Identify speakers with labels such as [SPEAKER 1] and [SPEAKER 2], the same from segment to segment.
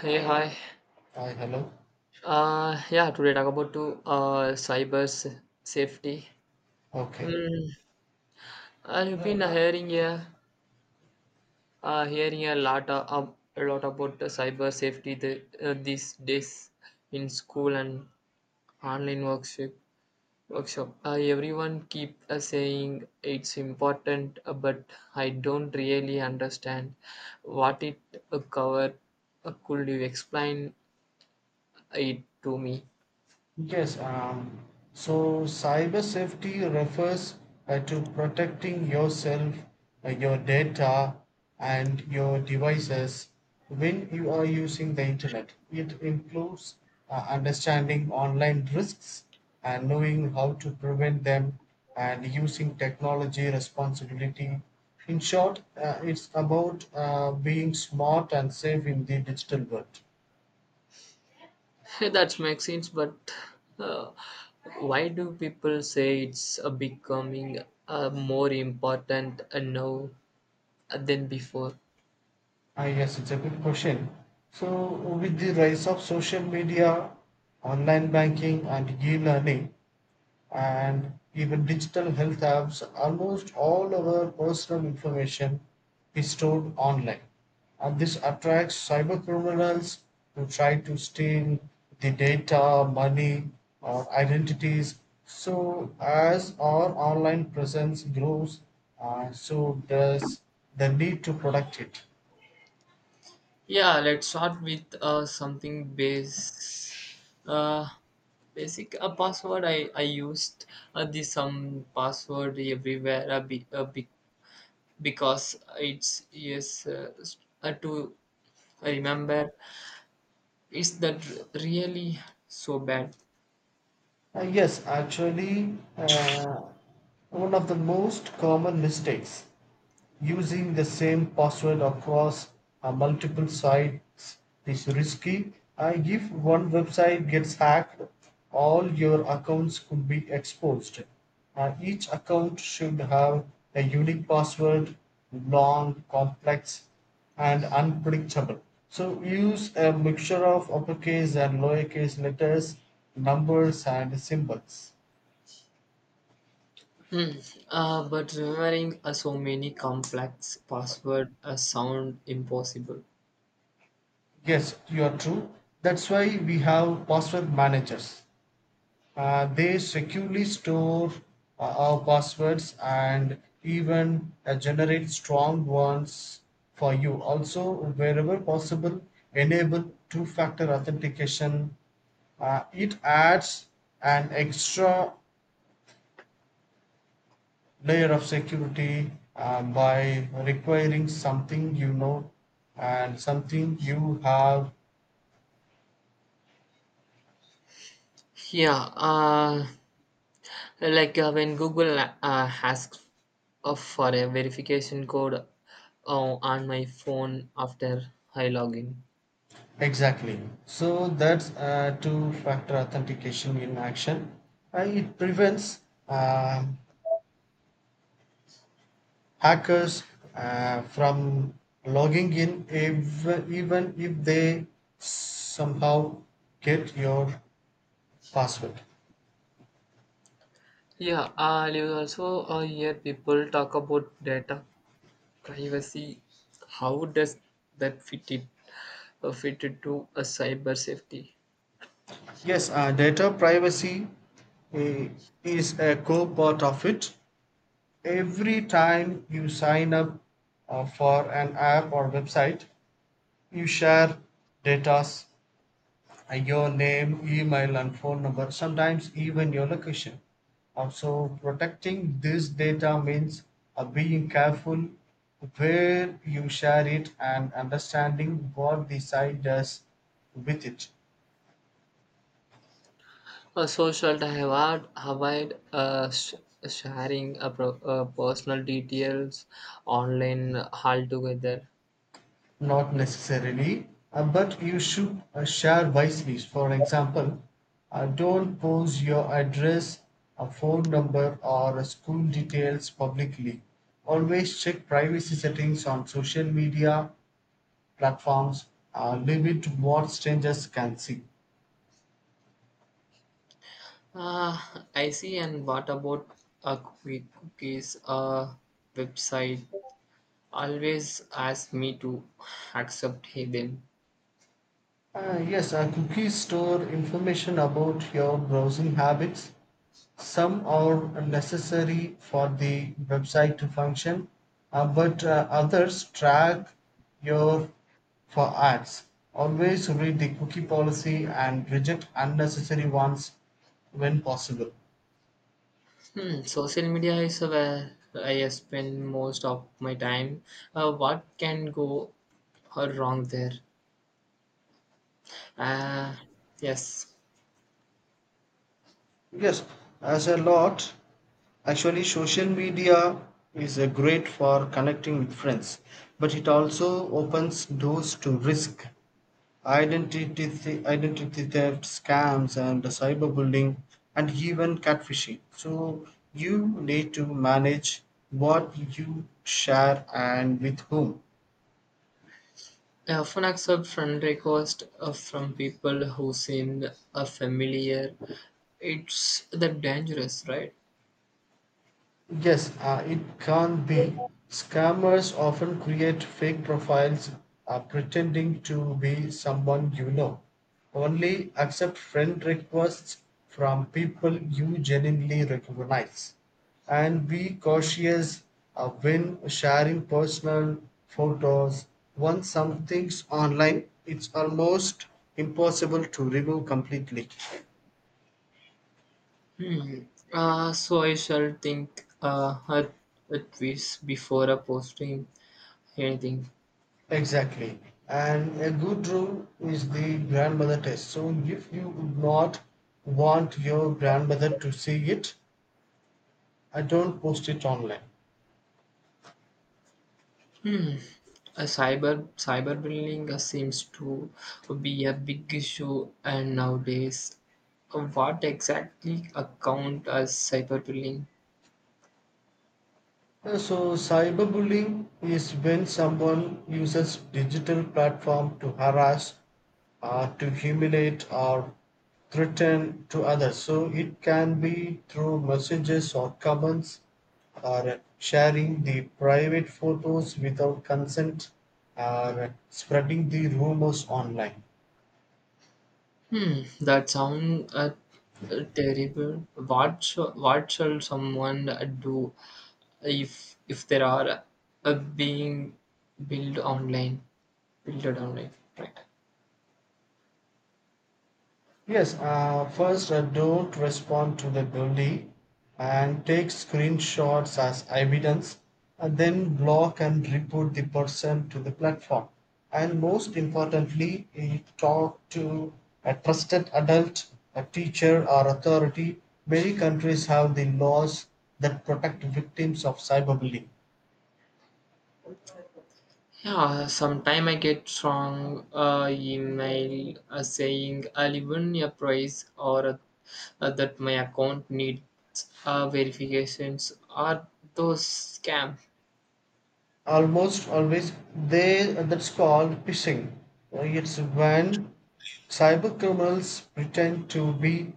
[SPEAKER 1] Hey, hi.
[SPEAKER 2] Hi, hello.
[SPEAKER 1] Yeah, today talk about to cyber safety.
[SPEAKER 2] Okay.
[SPEAKER 1] Mm, I've been hearing a a lot about the cyber safety these days in school and online workshop. Everyone keep saying it's important, but I don't really understand what it cover. Could you explain it to me?
[SPEAKER 2] Yes, um, so cyber safety refers to protecting yourself, your data, and your devices when you are using the internet. It includes understanding online risks and knowing how to prevent them and using technology responsibility. In short, it's about being smart and safe in the digital world.
[SPEAKER 1] That makes sense, but uh, why do people say it's becoming more important now than before?
[SPEAKER 2] Ah, yes, it's a good question. So, with the rise of social media, online banking, and e learning, and even digital health apps, almost all our personal information is stored online. And this attracts cyber criminals who try to steal the data, money, or identities. So, as our online presence grows, so does the need to protect it.
[SPEAKER 1] Yeah, let's start with uh, basic. A password I used this some password everywhere because it's yes to remember. Is that really so bad?
[SPEAKER 2] Yes, actually, one of the most common mistakes Using the same password across multiple sites is risky. If one website gets hacked, all your accounts could be exposed. Each account should have a unique password, long, complex, and unpredictable. So use a mixture of uppercase and lowercase letters, numbers, and symbols.
[SPEAKER 1] But remembering so many complex password sound impossible.
[SPEAKER 2] Yes, you are true. That's why we have password managers. They securely store our passwords and even generate strong ones for you. Also, wherever possible, enable two factor authentication. It adds an extra layer of security by requiring something you know and something you have.
[SPEAKER 1] Yeah, like when Google asks for a verification code on my phone after I log in.
[SPEAKER 2] Exactly. So that's two-factor authentication in action. It prevents uh, hackers from logging in if, even if they somehow get your password.
[SPEAKER 1] Yeah, you also hear people talk about data privacy. How does that fit it fit into a cyber safety?
[SPEAKER 2] Yes, Data privacy uh, is a core part of it. Every time you sign up for an app or website, you share data, your name, email, and phone number, sometimes even your location. Also, protecting this data means being careful where you share it and understanding what the site does with it.
[SPEAKER 1] A social divide avoid sharing a personal details online altogether.
[SPEAKER 2] Not necessarily, but you should share wisely. For example, don't post your address, a phone number, or school details publicly. Always check privacy settings on social media platforms, limit what strangers can see.
[SPEAKER 1] Uh, I see. And what about a quick cookies website? Always ask me to accept them.
[SPEAKER 2] Yes, cookies store information about your browsing habits. Some are necessary for the website to function, but others track your for ads. Always read the cookie policy and reject unnecessary ones when possible.
[SPEAKER 1] Hmm, social media is where I spend most of my time. What can go wrong there? Uh, yes.
[SPEAKER 2] Yes, as a lot. Actually, social media is a great for connecting with friends, but it also opens doors to risk, identity, identity theft, scams, and cyberbullying, and even catfishing. So you need to manage what you share and with whom.
[SPEAKER 1] I often accept friend requests from people who seem familiar. It's that dangerous, right?
[SPEAKER 2] Yes, it can be. Scammers often create fake profiles pretending to be someone you know. Only accept friend requests from people you genuinely recognize. And be cautious when sharing personal photos. Once something's online, it's almost impossible to remove completely.
[SPEAKER 1] Hmm. So I shall think at this before posting anything.
[SPEAKER 2] Exactly. And a good rule is the grandmother test. So if you would not want your grandmother to see it, I don't post it online.
[SPEAKER 1] Hmm. A cyberbullying seems to be a big issue, and nowadays, what exactly account as cyberbullying?
[SPEAKER 2] So, cyberbullying is when someone uses digital platform to harass, to humiliate, or threaten to others. So, it can be through messages or comments, or sharing the private photos without consent, or spreading the rumors online.
[SPEAKER 1] Hmm, that sounds terrible. What shall someone do if there are being built online, built online, right?
[SPEAKER 2] Yes, first don't respond to the bully and take screenshots as evidence and then block and report the person to the platform. And most importantly, talk to a trusted adult, a teacher or authority. Many countries have the laws that protect victims of cyberbullying.
[SPEAKER 1] Yeah, sometime I get strong email saying I'll even a price or that my account needs verifications or those scam.
[SPEAKER 2] Almost always they that's called phishing. It's when cyber criminals pretend to be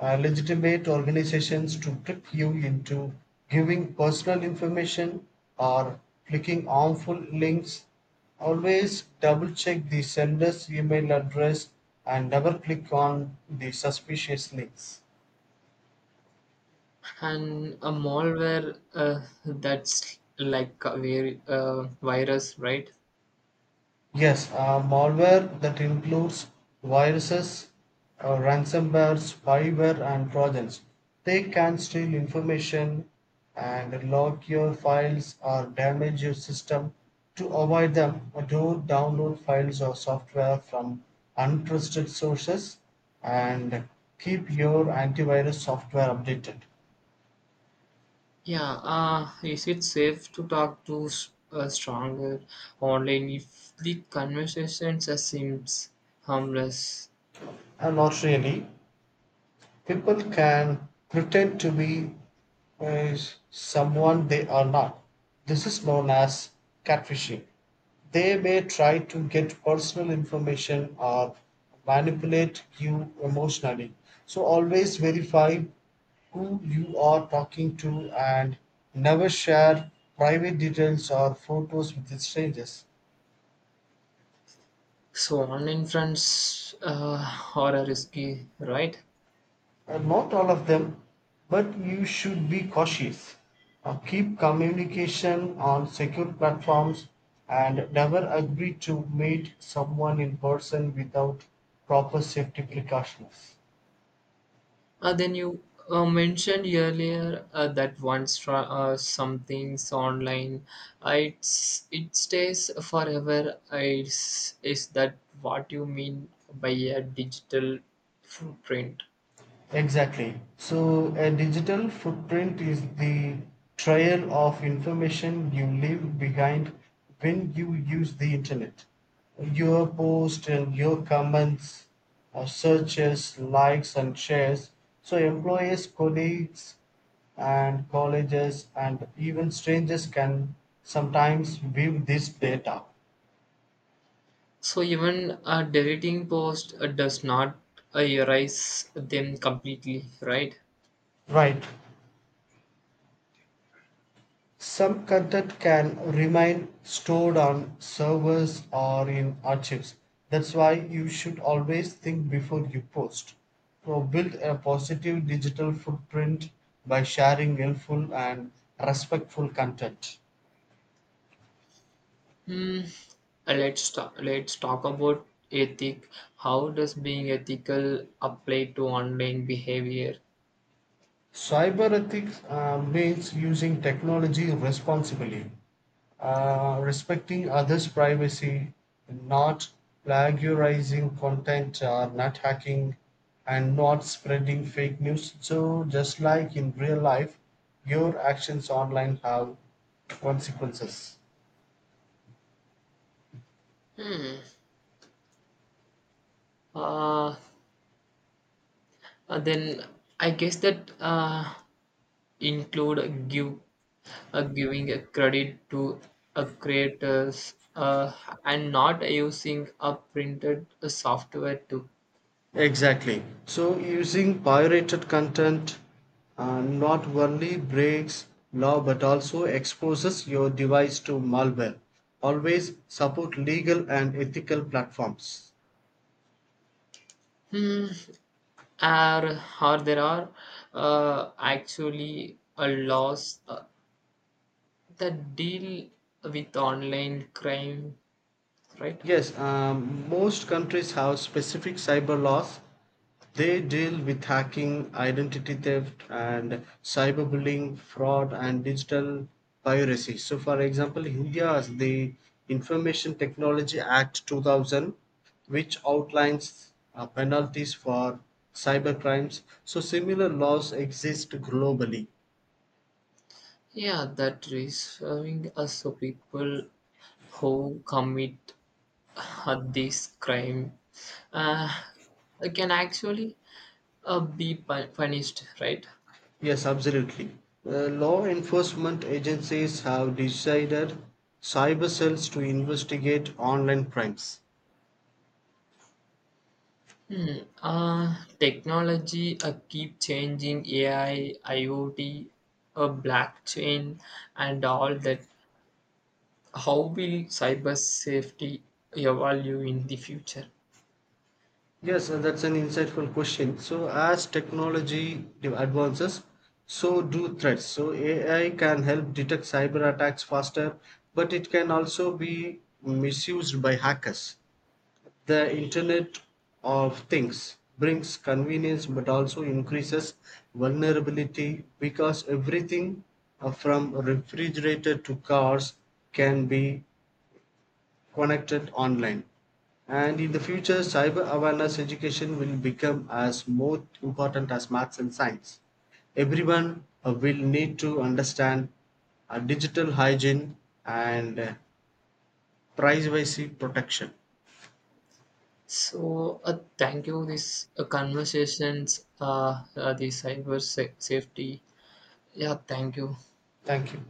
[SPEAKER 2] legitimate organizations to trick you into giving personal information or clicking harmful links. Always double check the sender's email address and never click on the suspicious links.
[SPEAKER 1] And a malware that's like a virus, right?
[SPEAKER 2] Yes, malware that includes viruses, ransomware, spyware, and trojans. They can steal information and lock your files or damage your system. To avoid them, don't download files or software from untrusted sources and keep your antivirus software updated.
[SPEAKER 1] Yeah, is it safe to talk to stronger online if the conversations seems harmless?
[SPEAKER 2] And not really. People can pretend to be uh, someone they are not. This is known as catfishing. They may try to get personal information or manipulate you emotionally. So always verify who you are talking to and never share private details or photos with strangers.
[SPEAKER 1] So online friends are a risky, right?
[SPEAKER 2] Not all of them, but you should be cautious. Keep communication on secure platforms and never agree to meet someone in person without proper safety precautions.
[SPEAKER 1] Then you mentioned earlier that once something's online, it stays forever. Is that what you mean by a digital footprint?
[SPEAKER 2] Exactly. So, a digital footprint is the trail of information you leave behind when you use the internet. Your posts and your comments, searches, likes, and shares. So, employees, colleagues, and colleges, and even strangers can sometimes view this data.
[SPEAKER 1] So even a deleting post does not erase them completely, right?
[SPEAKER 2] Right. Some content can remain stored on servers or in archives. That's why you should always think before you post. So build a positive digital footprint by sharing helpful and respectful content.
[SPEAKER 1] Hmm. Let's talk about ethic. How does being ethical apply to online behavior?
[SPEAKER 2] Cyber ethics means using technology responsibly, respecting others' privacy, not plagiarizing content, or not hacking, and not spreading fake news. So, just like in real life, your actions online have consequences.
[SPEAKER 1] Uh, then I guess that include give giving a credit to a creators and not using a printed software too.
[SPEAKER 2] Exactly. So using pirated content not only breaks law but also exposes your device to malware. Always support legal and ethical platforms.
[SPEAKER 1] Hmm. Are there are actually a loss that deal with online crime, right?
[SPEAKER 2] Yes, Most countries have specific cyber laws. They deal with hacking, identity theft, and cyberbullying, fraud, and digital piracy. So, for example, India has the Information Technology Act 2000, which outlines penalties for cybercrimes. So, similar laws exist globally.
[SPEAKER 1] Yeah, that is serving us so people who commit this crime uh, can actually punished, right?
[SPEAKER 2] Yes, absolutely. Law enforcement agencies have decided cyber cells to investigate online crimes.
[SPEAKER 1] Hmm. Technology keep changing AI, IoT, blockchain, and all that. How will cyber safety evolve in the future?
[SPEAKER 2] Yes, that's an insightful question. So, as technology advances, so do threats. So, AI can help detect cyber attacks faster, but it can also be misused by hackers. The Internet of Things brings convenience but also increases vulnerability because everything from refrigerator to cars can be connected online. And in the future, cyber awareness education will become as more important as maths and science. Everyone will need to understand digital hygiene and privacy protection.
[SPEAKER 1] So, thank you. This conversations, the cyber safety. Yeah, thank you.
[SPEAKER 2] Thank you.